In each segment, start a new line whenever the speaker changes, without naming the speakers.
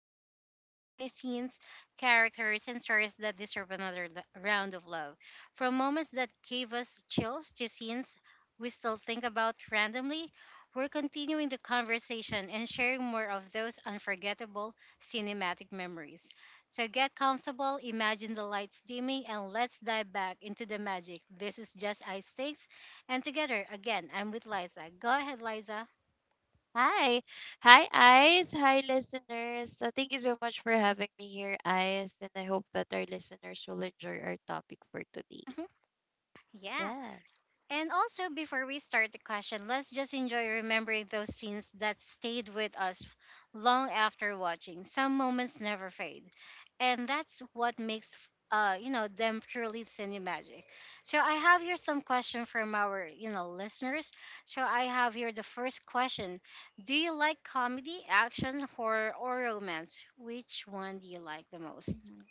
there are just too many scenes, characters, and stories that deserve another round of love. From moments that gave us chills to scenes we still think about randomly, we're continuing the conversation and sharing more of those unforgettable cinematic memories. So get comfortable, imagine the lights dimming, and let's dive back into the magic. This is just Ice Stakes. And together, again, I'm with Liza. Go ahead, Liza.
Hi. Hi, Eyes. Hi, listeners. Thank you so much for having me here, Eyes. And I hope that our listeners will enjoy our topic for today.
Mhm. Yeah.
Yeah.
And also, before we start the question, let's just enjoy remembering those scenes that stayed with us long after watching. Some moments never fade, and that's what makes them truly cinemagic. So I have here some question from our listeners. So I have here the first question: do you like comedy, action, horror, or romance? Which one do you like the most?
hmm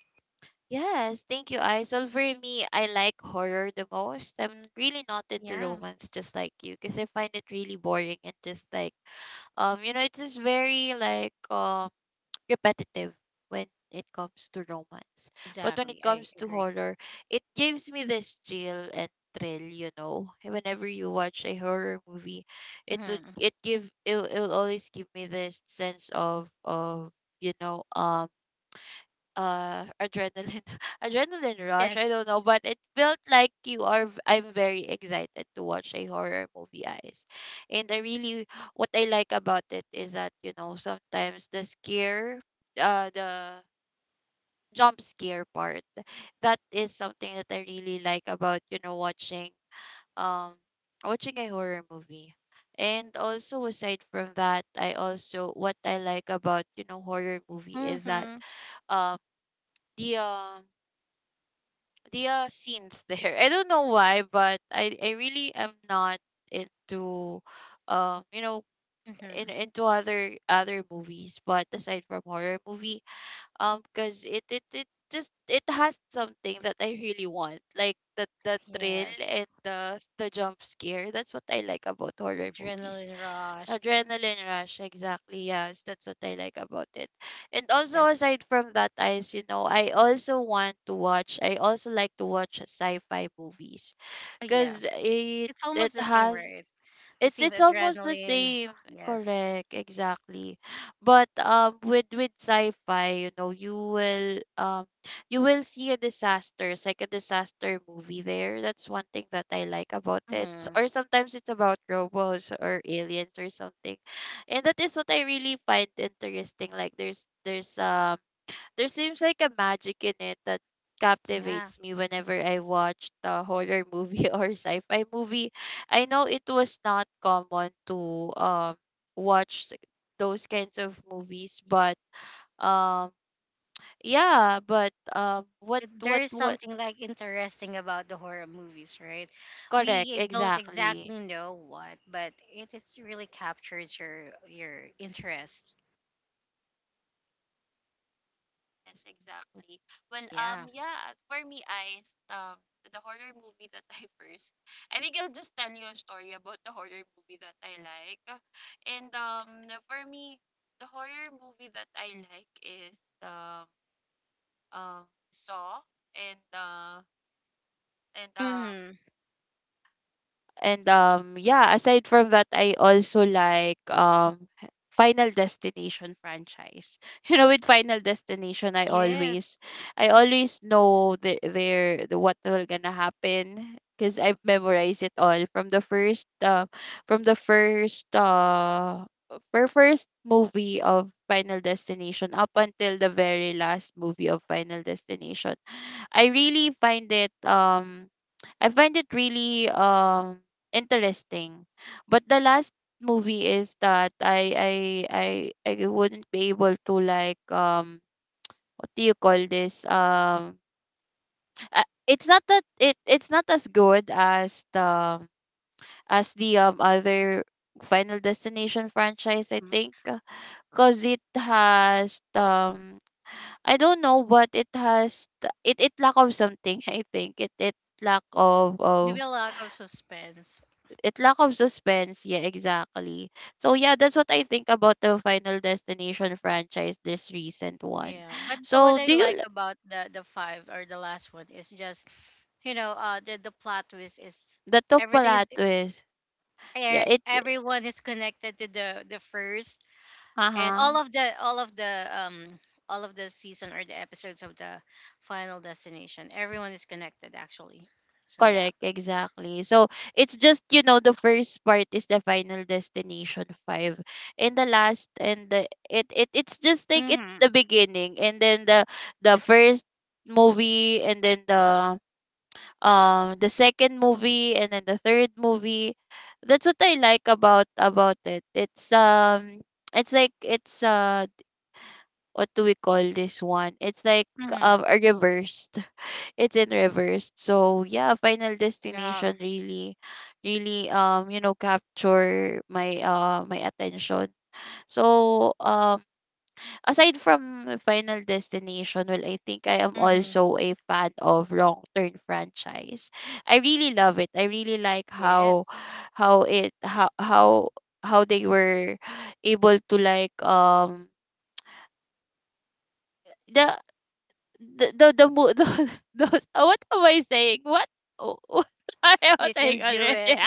Yes, thank you, Eyes. Well, for me, I like horror the most. I'm really not into
Yeah,
romance, just like you, because I find it really boring and just like, it's just very like, repetitive when it comes to romance. But when it
exactly. I
comes to
agree.
horror, it gives me this chill and thrill, you know. Whenever you watch a horror movie, it would
Hmm.
it give it will always give me this sense of you know um adrenaline adrenaline rush. I
Yes.
don't know, but it felt like you are I'm very excited to watch a horror movie, Eyes. And I really, what I like about it is that, you know, sometimes the scare the jump scare part, that is something that I really like about, you know, watching um watching a horror movie. And also, aside from that, I also, what I like about, you know, horror movie is that
Mm-hmm.
um the um the scenes there. I don't know why, but I really am not into, um you know in
Mm-hmm.
into other movies, but aside from horror movie, because it has something that I really want, like the thrill
Yes,
and the jump scare. That's what I like about horror movies.
adrenaline rush.
Adrenaline rush, exactly. Yes, that's what I like about it. And also,
Yes.
aside from that, guys, you know, I also want to watch. I also like to watch sci-fi movies
Oh, yeah.
because
It's almost the same word. The
it
same
it's almost the
adrenaline.
same.
Yes.
Correct, exactly. But with sci-fi, you know, you will see a disaster. It's like a disaster movie there. That's one thing that I like about it.
Mm,
Or sometimes it's about robots or aliens or something. And that is what I really find interesting. Like there's there seems like a magic in it that
yeah.
captivates me whenever I watched a horror movie or sci-fi movie. I know it was not common to watch those kinds of movies, but um yeah, but
But there is
what
something like interesting about the horror movies, right?
Correct,
We don't
exactly.
exactly know what, but it's really captures your interest.
Yes, exactly. Well,
Yeah.
yeah, for me, I um the horror movie that I, first, I think I'll just tell you a story about the horror movie that I like, and for me, the horror movie that I like is um Saw, and uh and um
Mm-hmm.
and yeah, aside from that, I also like Final Destination franchise. You know, with Final Destination,
Yes.
I always know the their the what will gonna happen because I've memorized it all from the first fir- first movie of Final Destination up until the very last movie of Final Destination. I really find it I find it really interesting. But the last movie is that I I wouldn't be able to like, what do you call this it's not that it's not as good as the other Final Destination franchise, I
Mm.
think, because it has, I don't know, but it has it lack of something. I think lack of
Maybe
of
a lack of suspense.
it lack of suspense, yeah, exactly. So yeah, that's what I think about the Final Destination franchise, this recent one.
Yeah. But what
So
I
do you
like about the five or the last one is just the plot twist is
the top
everything
pala twist, yeah, it,
everyone is connected to the first and all
uh-huh,
of the all of the all of the season or the episodes of the final destination everyone is connected actually, so yeah.
correct, exactly. So it's just, you know, the first part is the Final Destination 5, and the last and the, it's just like it's
Mm-hmm.
the beginning, and then the
Yes.
first movie, and then the second movie, and then the third movie. That's what I like about it. It's it's like it's what do we call this one it's like
Mm-hmm.
a reversed, it's in reversed. So yeah, Final
Yeah.
Destination really really, you know, capture my my attention. So aside from Final Destination, well, I think I am
Mm-hmm.
also a fan of Wrong Turn franchise. I really love it. I really like
Yes.
how it how they were able to like, the the, mo- the those what am I saying? What I was
You
saying
can do
already?
it.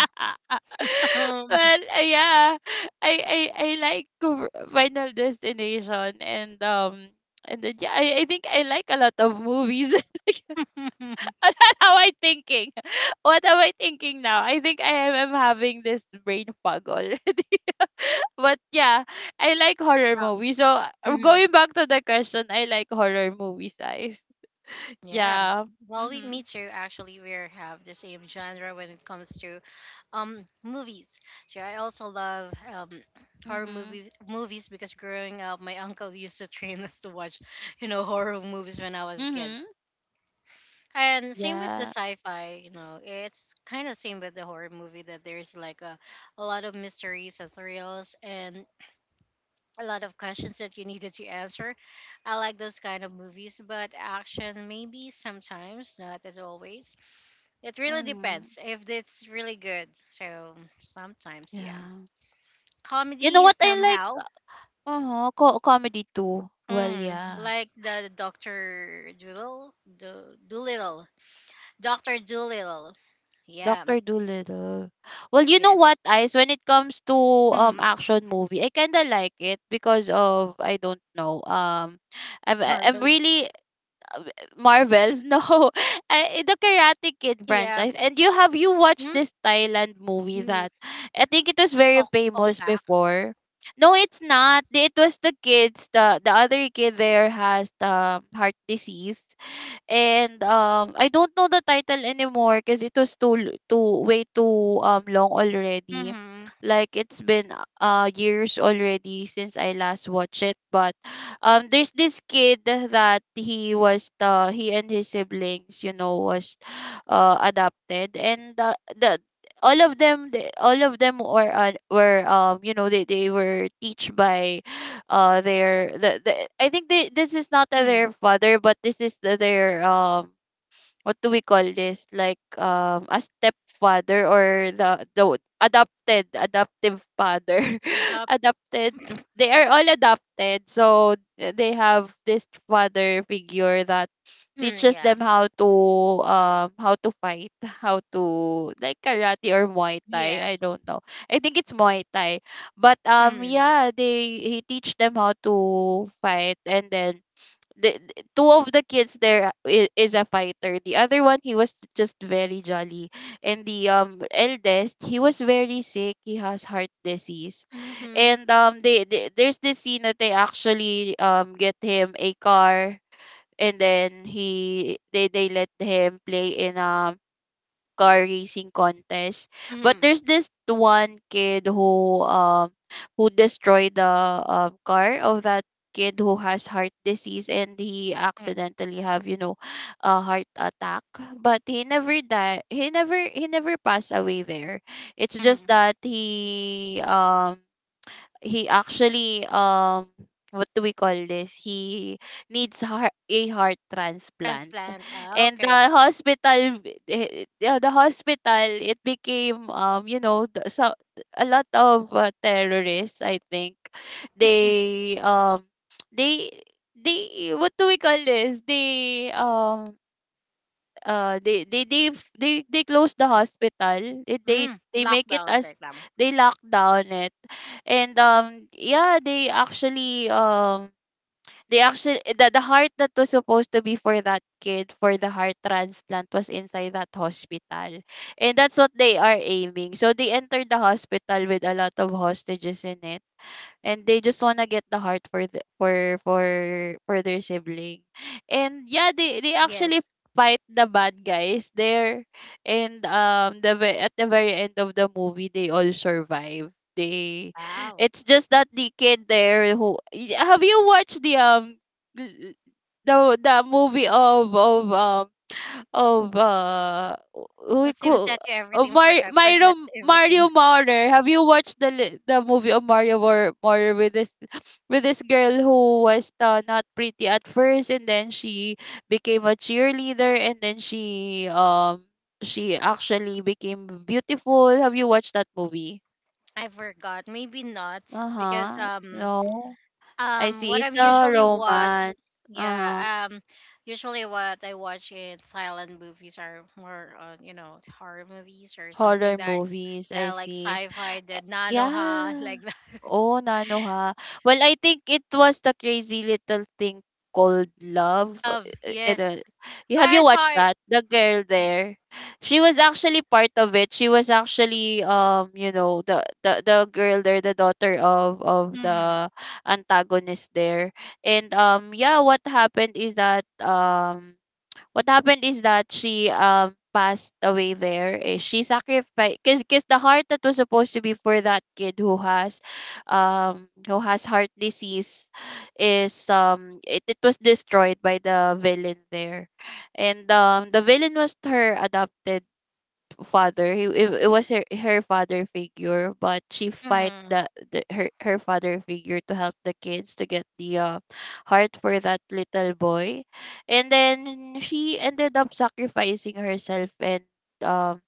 um,
Well, yeah, I like Final Destination, and then yeah, I think I like a lot of movies.
yeah.
How I thinking? What am I thinking now? I think I am having this brain fog already. But yeah, I like horror movies. So
Mhm.
going back to the question, I like horror movies, I,
Yeah.
yeah.
Well, we me
Mhm.
too. Actually, we are have the same genre when it comes to movies. So I also love horror
Mhm.
movies movies because growing up, my uncle used to train us to watch, you know, horror movies when I was a kid.
Mhm.
And same with the
Yeah.
sci-fi. You know, it's kind of same with the horror movie that there's like a lot of mysteries and thrills and a lot of questions that you needed to answer. I like those kind of movies, but action maybe sometimes, not as always. It really
Mhm.
depends if it's really good. So sometimes, yeah.
Yeah. You know
Comedy
what I like?
somehow.
Uh-huh, comedy too. Well,
Mm,
yeah.
like the Doctor Doolittle, Doolittle, Doctor Doolittle. Yeah.
Doctor Dolittle. Well, you know
Yes.
what, Ice? When it comes to
Mm,
action movie, I kinda like it because of, I don't know. I'm
Marvels.
really, uh, Marvels. No, I, the Karate Kid
Yeah.
franchise. And you have you watched
Mm,
this Thailand movie
New.
that I think it was very
Oh, on
famous
back.
before. No, it's not. It was the kids. The other kid there has the heart disease, and I don't know the title anymore because it was too way too long already.
Mm-hmm.
Like it's been years already since I last watched it, but there's this kid that he was the, he and his siblings, you know, was adopted, and the all of them, all of them were you know, they were teach by the, I think they, this is not
Mm,
their father, but this is their what do we call this, like, a stepfather or the adopted adoptive father.
adopt.
Adopted, they are all adopted. So they have this father figure that
Mm,
teaches
yeah.
them how to fight, how to like karate or Muay Thai. I
Yes.
don't know. I think it's Muay Thai. But
Mm-hmm.
yeah, they he teach them how to fight, and then two of the kids there, is a fighter. The other one, he was just very jolly. And the eldest, he was very sick. He has heart disease.
Mm-hmm.
And they, there's this scene that they actually get him a car, and then he they let him play in a car racing contest, but
Mm-hmm.
there's this one kid who destroyed the car of that kid who has heart disease, and he
Mm-hmm.
accidentally have, you know, a heart attack, but he never died he never passed away there. It's
Mm-hmm.
just that he actually, what do we call this he needs heart, a heart transplant.
Transplant. Ah,
And the
okay.
hospital, the hospital, it became, so a lot of terrorists, I think, they um they they what do we call this uh they they they they close the
Mm.
hospital,
Mm.
they make it
Lockdown
as,
like them.
they lock down it. And yeah, they actually the heart that was supposed to be for that kid for the heart transplant was inside that hospital, and that's what they are aiming. So they entered the hospital with a lot of hostages in it, and they just wanna get the heart for the, for their sibling. And yeah, they actually
Yes.
fight the bad guys there. And at the very end of the movie, they all survive. They
Wow.
It's just that the kid there who Y- have you watched the l- l- the the movie of we
It seems
call
that you everything for
Mar-
I
Mario
forgot
Mario
everything.
Maurer. Have you watched the the movie of Mario Maurer with this with this girl who was, not pretty at first, and then she became a cheerleader, and then she actually became beautiful. Have you watched that movie?
I forgot. Maybe not because
Uh-huh. No. I see,
what
it's
I'm
a
usually watch,
romance.
yeah,
Uh-huh.
usually what I watch in Thailand movies are more on you know horror movies or something
Horror
that,
movies, I
yeah, like
see.
sci-fi the nanoha
Yeah.
like that.
Oh, Nano ha. Well, I think it was the Crazy Little Thing Called Love.
Of
I
yes,
don't, you,
but
have
I
you watched
saw it.
that? The girl there, she was actually part of it. She was actually, you know, the girl there, the daughter of
Hmm.
the antagonist there. And yeah, what happened is that, she passed away there. Eh, she sacrificed, because the heart that was supposed to be for that kid who has heart disease is, it was destroyed by the villain there. And the villain was her adopted father. He, it was her father figure, but she fight
Mm-hmm.
the her father figure to help the kids to get the heart for that little boy, and then she ended up sacrificing herself and um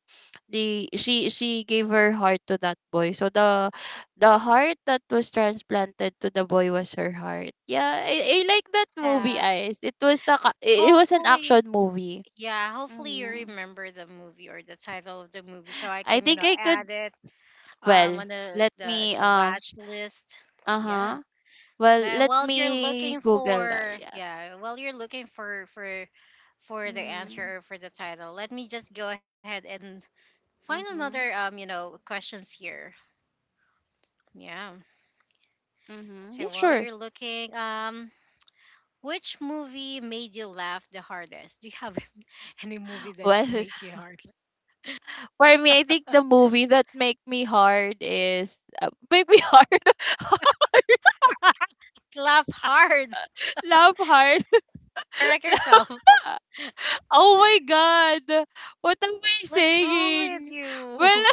the she gave her heart to that boy, so the heart that was transplanted to the boy was her heart. Yeah, I like that movie
Sad.
eyes. It was it was an
Hopefully,
action movie.
yeah, hopefully you
Hmm.
remember the movie or the title of the movie so I
I
can, you
think
know,
I could.
add it
Well,
on
let me
the watch list. Yeah.
uh-huh. Well,
But
let
while you're
me
looking
Google that.
for,
Yeah.
yeah, while you're looking for the
Mhm.
answer or for the title, let me just go ahead and find
Mhm.
another you know, questions here. Yeah.
Mhm. Yeah,
So while
sure.
you're looking, which movie made you laugh the hardest? Do you have any movie that you
Well,
make you hard
for me, I think the movie that make me hard is make me hard.
laugh hard?
Love hard.
Correct yourself.
Oh my god. What am I
What's wrong with
saying? Well,
you?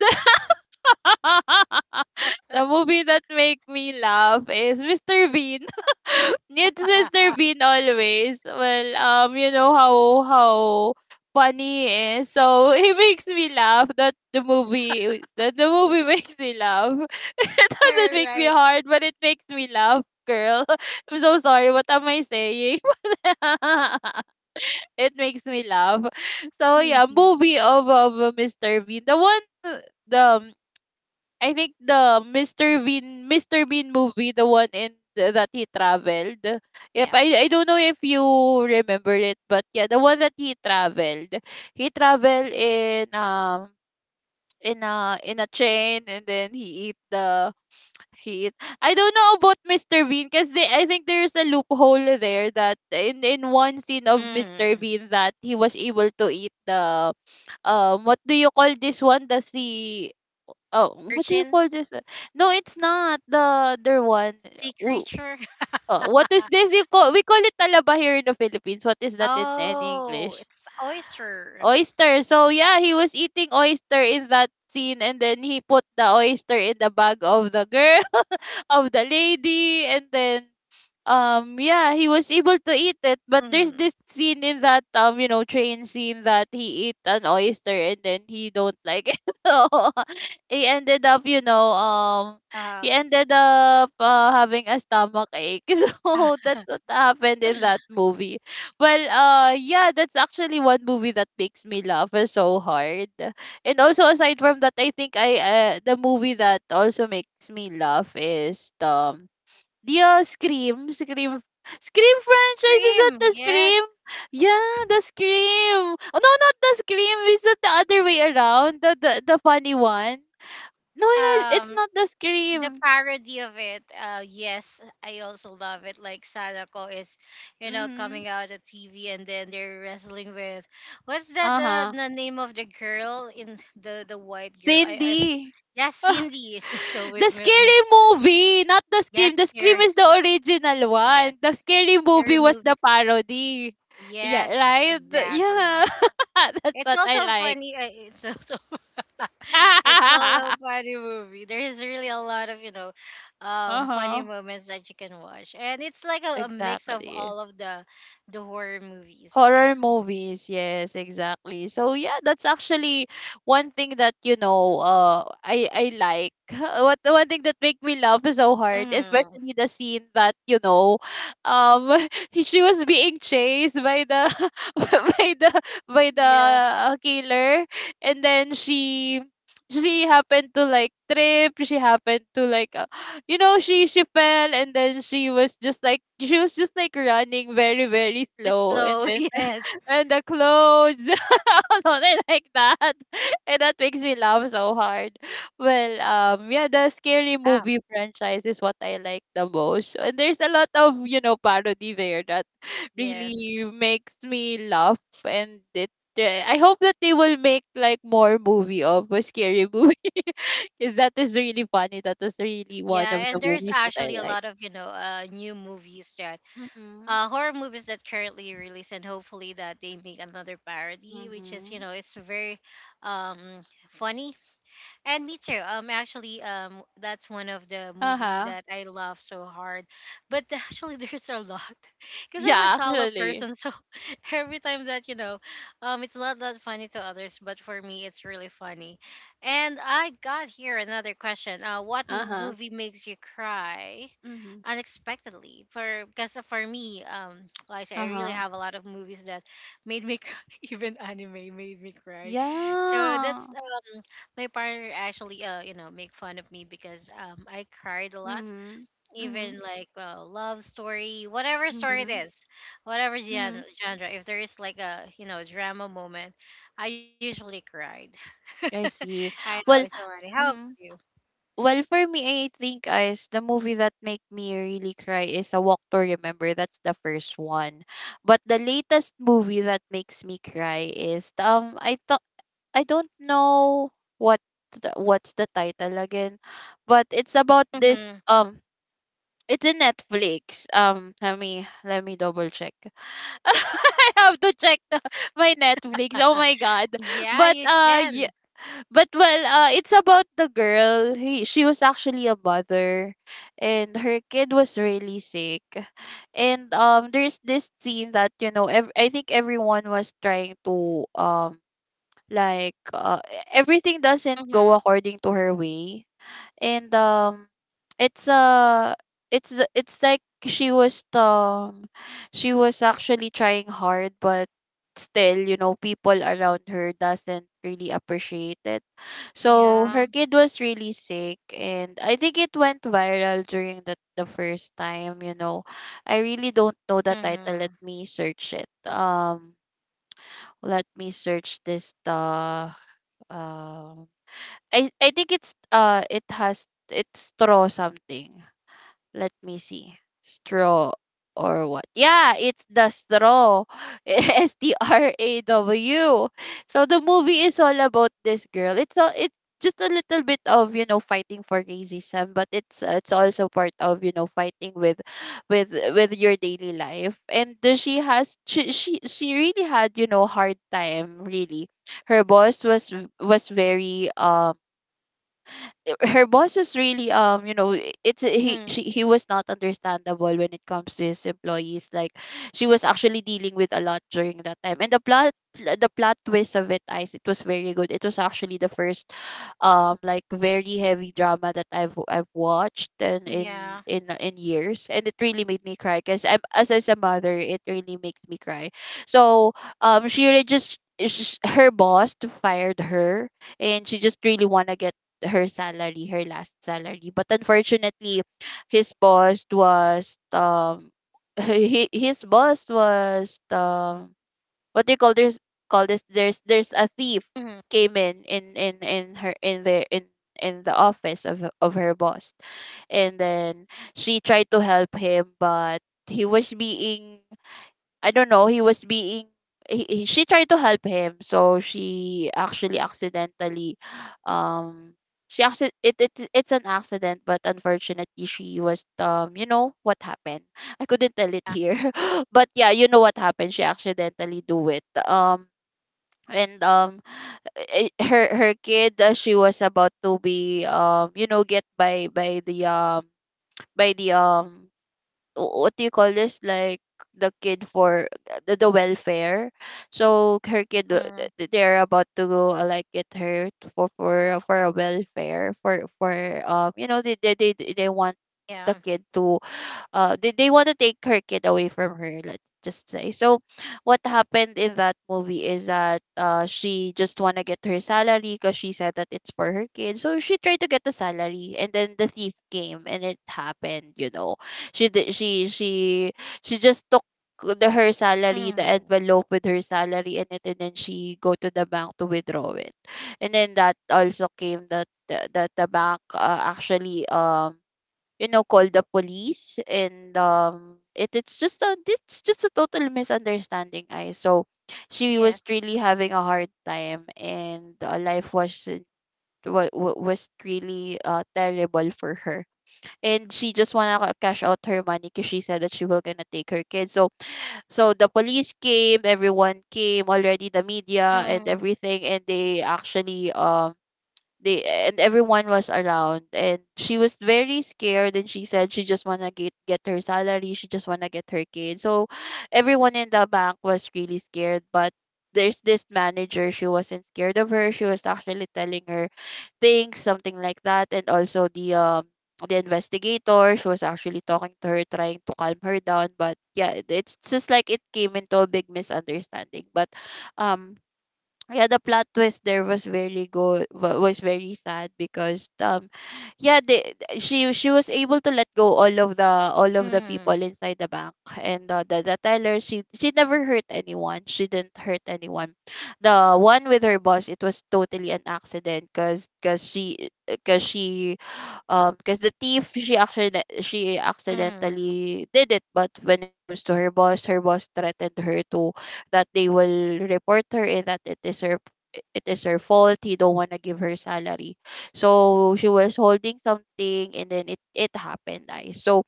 the movie that make me laugh is Mr. Bean. It's
All
Mr. Bean always. Well, how funny he is. So he makes me laugh. That the movie, that the movie makes me laugh. It doesn't make me
right.
hard, but it makes me laugh, girl. I'm so sorry. What am I saying? It makes me laugh. So yeah,
Mhm.
movie of Mr. Bean. The one the I think the Mr. Bean movie, the one in that he traveled. If
Yeah.
I I don't know if you remember it, but yeah, the one that he traveled. He traveled in a train, and then he eat the he eat I don't know about Mr. Bean, because they, I think there's a loophole there, that in one scene of Mr.
Mm.
Bean that he was able to eat the what do you call this one? That's the, oh, what do you
Urchin,
call this one? No, it's not the other one.
sea
W-
creature.
What is this? You call we call it talaba here in the Philippines. What is that in
oh,
English?
it's the oyster.
Oyster. So yeah, he was eating oyster in that scene, and then he put the oyster in the bag of the girl, of the lady. And then, yeah, he was able to eat it, but there's
Mm.
this scene in that, train scene, that he eat an oyster and then he don't like it. So he ended up,
Uh,
he ended up having a stomach ache. So that's what happened in that movie. Well, yeah, that's actually one movie that makes me laugh so hard. And also, aside from that, I think I the movie that also makes me laugh is the, yeah, Scream, Scream franchise. Is that
Cream,
the Scream?
yes.
Yeah, the Scream. Oh no, not the Scream. Is that the other way around? The funny one. No, it's
Um,
not the
the
Scream.
parody of it, yes, I also love it. Like Sadako is, you know,
Mm-hmm.
coming out of TV and then they're wrestling with, what's that,
Uh huh.
the name of the girl in the white girl I
Cindy.
yes,
The
Cindy, she's always with me.
scary movie, not the
Yes,
Scream. The Scream
scary.
is the original
Yes,
one. The scary
scary
movie was the
movie,
parody. Yeah,
yes,
right. Yeah,
exactly.
that's
It's
what I
also
like.
funny. It's also— it's also a funny movie. There is really a lot of, you know,
Uh
funny
huh.
moments that you can watch, and it's like a mix of
Exactly.
all of the horror movies. Yeah.
Horror movies, yes, exactly. So yeah, that's actually one thing that, I like. What, one thing that make me laugh so hard,
Mm-hmm.
especially the scene that, um, she was being chased by the, by the by the
Yeah.
killer, and then she happened to like trip. She happened to like, she fell, and then she was just like, running very very
It's
slow, and
slow.
then
Yes.
and the clothes something like that. And that makes me laugh so hard. Well, yeah, the scary
Ah.
movie franchise is what I like the most, and there's a lot of, parody there that
Yes.
really makes me laugh. And it I hope that they will make like more movie of a scary movie. 'Cause that is really funny. That was really one
Yeah,
of
and
the
there's
movies that I
actually a
like.
lot of you know new movies that,
Mhm,
horror movies that currently released, and hopefully that they make another parody, which is you
mhm.
know it's very um funny. And me too. Actually, that's one of the movie
Uh-huh.
that I love so hard. But actually, there's a lot, because I'm a
Yeah,
shallow
actually.
person. So every time that you know, it's not that funny to others, but for me, it's really funny. And I got here another question. What
Uh-huh.
movie makes you cry
Mhm.
unexpectedly for because for me like I said, I really
Uh-huh.
have a lot of movies that made me cry, even anime made me cry, so
Yeah.
that's— my partner actually you know make fun of me because I cried a lot,
Mhm. Mhm.
even like love story, whatever story it
Mhm.
is, whatever genre,
Mhm.
genre if there is like a you know drama moment, I usually cried.
I
I
see.
know it's so
Well,
funny. How about you?
mhm. Well, for me, I think is the movie that make me really cry is A Walk to Remember. That's the first one. But the latest movie that makes me cry is, I don't know what what's the title again, but it's about this,
Mm-hmm.
it's in Netflix. Let me double check. I have to check my Netflix. Oh my god.
Yeah,
But
you can.
yeah, but well, it's about the girl. He, she was actually a mother, and her kid was really sick. And there's this scene that, I think everyone was trying to like, everything doesn't
Mm-hmm.
go according to her way. And it's uh it's like she was, she was actually trying hard, but still, you know, people around her doesn't really appreciate it. So
Yeah.
her kid was really sick, and I think it went viral during the first time, you know. I really don't know the title,
Mm-hmm.
let me search it. Let me search this the, um, I think it's it's straw something. Let me see. Straw or what. Yeah, it's the straw. S T R A W. So the movie is all about this girl. It's just a little bit of, you know, fighting for racism, but it's also part of, you know, fighting with, with your daily life. And she really had, you know, hard time, really. Her boss was, very, her boss was really, you know,
Hmm.
he was not understandable when it comes to his employees. Like, she was actually dealing with a lot during that time. And the plot twist of it, guys, it was very good. It was actually the first, like very heavy drama that I've watched and in
Yeah.
years, and it really made me cry, because I'm, as a mother, it really makes me cry. So she really just her boss fired her, and she just really want to get her salary, her last salary. But unfortunately, his boss was, he, his boss was, what do you call this, call this, there's a thief
Mm-hmm.
came in, her in the, in the office of her boss. And then she tried to help him, but he was being, I don't know, he was being, she tried to help him, so she actually accidentally, um she acci- it it's an accident, but unfortunately she was, you know what happened. I couldn't tell it
Yeah.
here. But yeah, you know what happened. She accidentally do it. And um her her kid, she was about to be, you know, get by the, by the um what do you call this, like, the kid for, the welfare. So her kid,
Mm-hmm.
they're about to go, like get her, for a welfare for you know, they want the
Yeah.
kid to, they want to take her kid away from her, let's just say. So what happened in that movie is that, she just want to get her salary, because she said that it's for her kid. So she tried to get the salary, and then the thief came and it happened, you know. She did she just took the her salary, the
Mm-hmm.
envelope with her salary in it, and then she go to the bank to withdraw it. And then that also came that that the bank, actually, you know, called the police. And it's just a, it's just a total misunderstanding. I So she was
Yes.
really having a hard time, and life was, was really, terrible for her. And she just wanna cash out her money, because she said that she will gonna take her kids. So the police came, everyone came already, the media and
Mm-hmm.
everything, and they actually they and everyone was around and she was very scared, and she said she just want to get her salary, she just want to get her kid. So everyone in the bank was really scared, but there's this manager, she wasn't scared of her, she was actually telling her things, something like that. And also the investigator, she was actually talking to her, trying to calm her down. But yeah, it's just like it came into a big misunderstanding. But um yeah, the plot twist there was very good, was very sad because yeah, she was able to let go all of the people
Mm-hmm.
inside the bank. And the teller, she never hurt anyone, she didn't hurt anyone. The one with her boss, it was totally an accident, because she because she because the thief, she actually she
Mm-hmm.
accidentally did it. But when it comes to her boss, her boss threatened her to that they will report her, and that it is her fault, he don't want to give her salary. So she was holding something, and then it happened, guys. So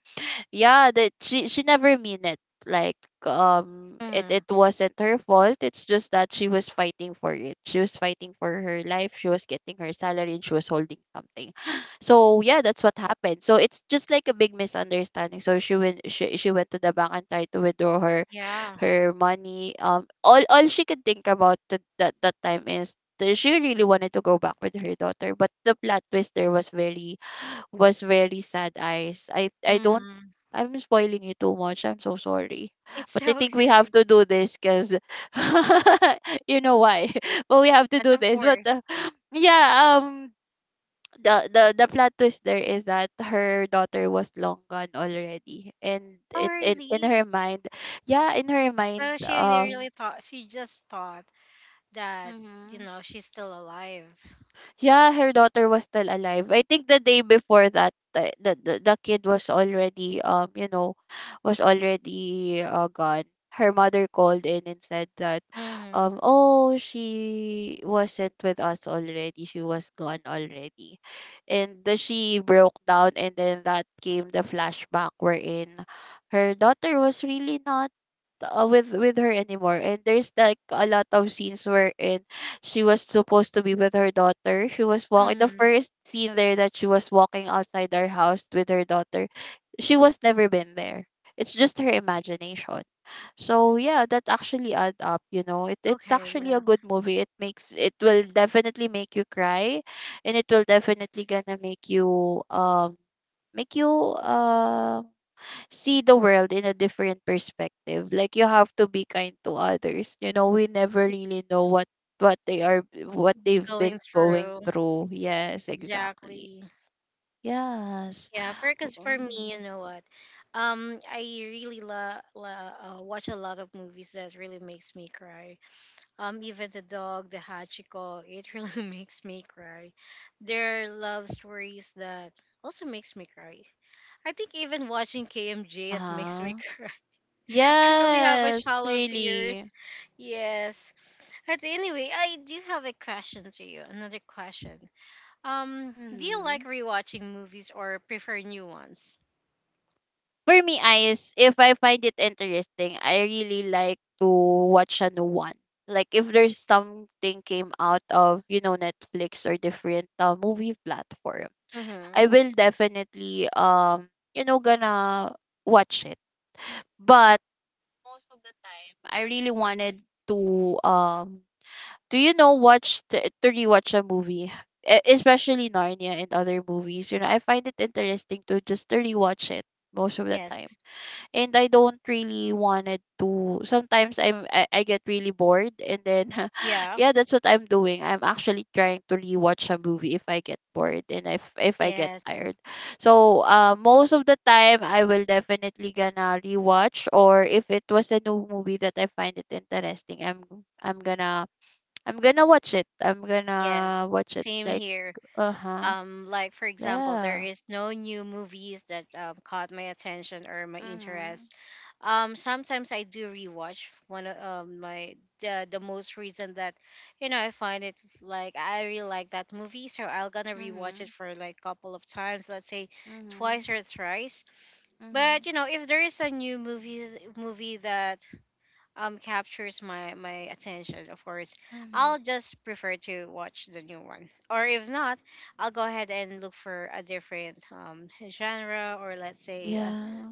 yeah, that she never mean it, like it wasn't her fault. It's just that she was fighting for it, she was fighting for her life, she was getting her salary and she was holding something. So yeah, that's what happened. So it's just like a big misunderstanding. So she went to the bank and tried to withdraw her
Yeah.
money, all she could think about that time is that she really wanted to go back with her daughter. But the plot twist there was very, was very sad, eyes. I don't,
Mm-hmm.
I'm spoiling you too much. I'm so sorry.
It's
But I think we have
okay.
to do this because you know why. But we have to
Yes,
do
of
this. But
course.
yeah, the, the plot twist there is that her daughter was long gone already. And
Oh,
in
really?
her mind, yeah, in her mind.
So she really thought, she just thought that, you
Mhm.
know, she's still alive.
Yeah, her daughter was still alive. I think the day before that, the kid was already was already gone. Her mother called in and said that,
Mm-hmm.
oh, she wasn't with us already. She was gone already. And she broke down. And then that came the flashback wherein her daughter was really not with her anymore. And there's like a lot of scenes wherein she was supposed to be with her daughter. She was walking, the
Mm-hmm.
first scene there, that she was walking outside our house with her daughter. She was never been there, it's just her imagination. So yeah, that actually add up, you know, it's
Okay,
actually a
yeah.
good movie. It makes it will definitely make you cry, and it will definitely gonna make you make you um see the world in a different perspective. Like, you have to be kind to others. You know, we never really know what they are what they've been
Going
going
through.
through. Yes, exactly.
Exactly.
Yes.
Yeah, for because for me,
Mm.
you know what? I really love watch a lot of movies that really makes me cry. Even the dog, the Hachiko, it really makes me cry. There are love stories that also makes me cry. I think even watching KMJS makes me
Uh-huh.
cry. I really have a
Yes,
shallow tears.
really.
Yes. But anyway, I do have a question to you. Another question. Do you
hmm
like rewatching movies or prefer new ones?
For me, eyes, if I find it interesting, I really like to watch a new one. Like, if there's something came out of, you know, Netflix or different movie platform,
Mm-hmm.
I will definitely gonna watch it. But most of the time, I really wanted to do you know, watch, to rewatch a movie. Especially Narnia and other movies, you know, I find it interesting to just to rewatch it most of the time.
Yes.
And I don't really wanted to, sometimes I get really bored and then
Yeah.
yeah, that's what I'm doing. I'm actually trying to rewatch a movie if I get bored and if I get
Yes.
tired. So most of the time I will definitely gonna rewatch. Or if it was a new movie that I find it interesting, I'm gonna I'm gonna watch it I'm
Yes.
gonna watch it,
Same
like.
here.
Uh-huh.
Like for example, there
Yeah.
is no new movies that caught my attention or my interest.
Mhm.
Sometimes I do rewatch one of the most recent that you know I find it, like I really like that movie, so I'll gonna rewatch it
Mhm.
for like couple of times, let's say twice
Mhm.
or thrice. But
Mhm.
you know, if there is a new movie that captures my attention, of course
Mhm.
I'll just prefer to watch the new one. Or if not, I'll go ahead and look for a different genre, or let's say
Yeah.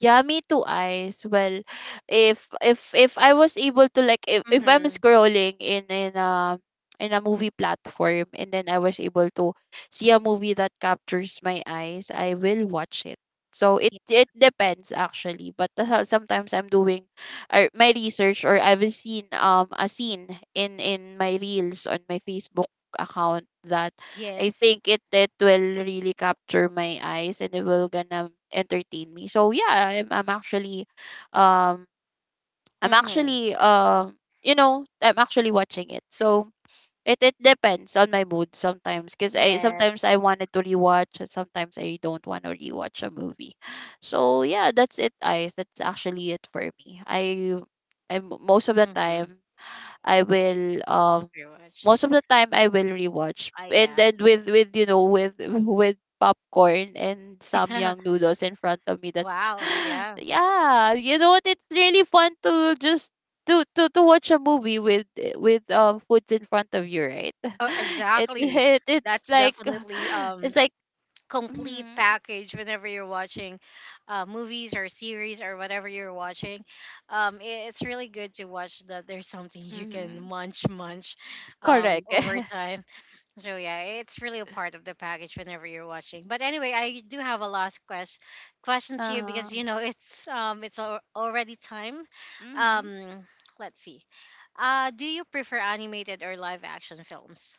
Yeah, me too, eyes. Well, if I was able to, like, if I'm
mm-hmm,
scrolling in a movie platform, and then I was able to see a movie that captures my eyes, I will watch it. So it depends actually, but that's how sometimes I'm doing my research. Or I've seen a scene in my reels on my Facebook account, that I
yes.
think it will really capture my eyes and it will gonna entertain me. So yeah, um I'm
Mm-hmm,
actually, I'm actually watching it. So it depends on my mood, sometimes, cuz I sometimes
yes.
I wanted to rewatch and sometimes I don't want to rewatch a movie. So yeah, that's it, eyes. That's actually it for me. I most of the
Mm-hmm,
time, I will
very much.
most of the time I will rewatch.
I
And
yeah.
then with you know, with with popcorn and samyang noodles in front of me. That's
wow, yeah.
yeah, you know what? It's really fun to just to watch a movie with foods in front of you, right?
Oh, exactly,
It's
that's
like
definitely
it's like,
complete
mm,
package whenever you're watching movies or series or whatever you're watching. It's really good to watch that there's something you can
mm,
munch
correct.
over time. So yeah, it's really a part of the package whenever you're watching. But anyway, I do have a last question to you,
uh,
because you know it's already time.
mm-hmm.
um, let's see, do you prefer animated or live action films?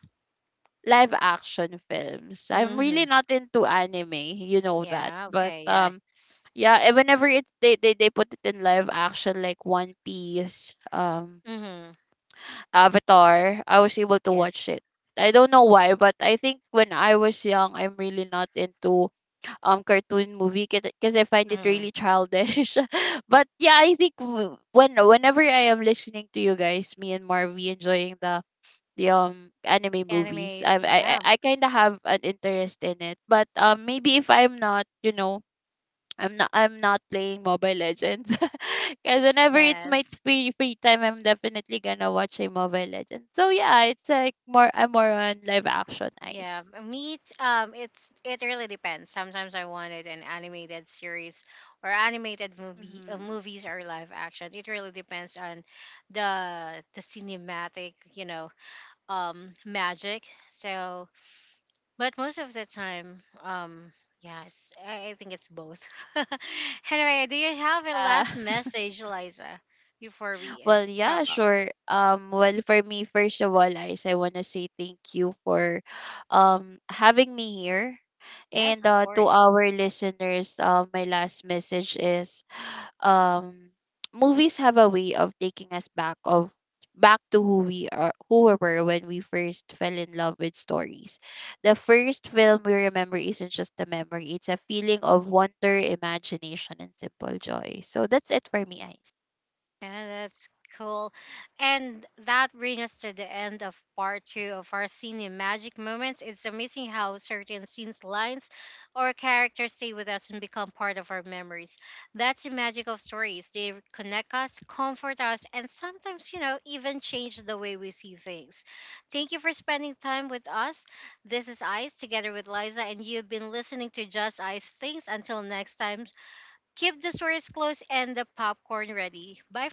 Live action films. I'm really
Mm-hmm.
not into anime, you know that.
Yeah,
but
okay, yes.
um yeah, and whenever it they put it in live action, like One Piece,
Mm-hmm.
Avatar, I was able to watch
Yes.
it. I don't know why, but I think when I was young, I'm really not into cartoon movie, because I find it
Hmm.
really childish. But yeah, I think when whenever I am listening to you guys, me and Marvy, enjoying the anime movies,
Animes,
I I
yeah,
I kind of have an interest in it. But maybe, if I'm not, you know, I'm not playing Mobile Legends. Cause whenever it's my
yes,
free time, I'm definitely gonna watch a Mobile Legends. So yeah, it's like more, I'm more on live action,
yeah.
eyes.
Meet, it's it really depends. Sometimes I wanted an animated series or animated movie,
Mm-hmm.
movies or live action. It really depends on the cinematic, you know, magic. So, but most of the time, Yes, I think it's both. anyway, do you have a
Yeah.
last message, Liza, before we
Well,
wrap
yeah,
up?
sure. Well, for me, first of all, Ice, I want to say thank you for having me here.
Yes,
And
of
to
course.
our listeners, my last message is um movies have a way of taking us back, of back to who we are, who we were when we first fell in love with stories. The first film we remember isn't just a memory, it's a feeling of wonder, imagination, and simple joy. So that's it for me, Ice.
Yeah, that's cool. And that brings us to the end of part two of our scene magic moments. It's amazing how certain scenes, lines, or characters stay with us and become part of our memories. That's the magic of stories. They connect us, comfort us, and sometimes, you know, even change the way we see things. Thank you for spending time with us. This is Ice together with Liza, and you've been listening to Just Ice Things. Until next time, keep the stories close and the popcorn ready. Bye.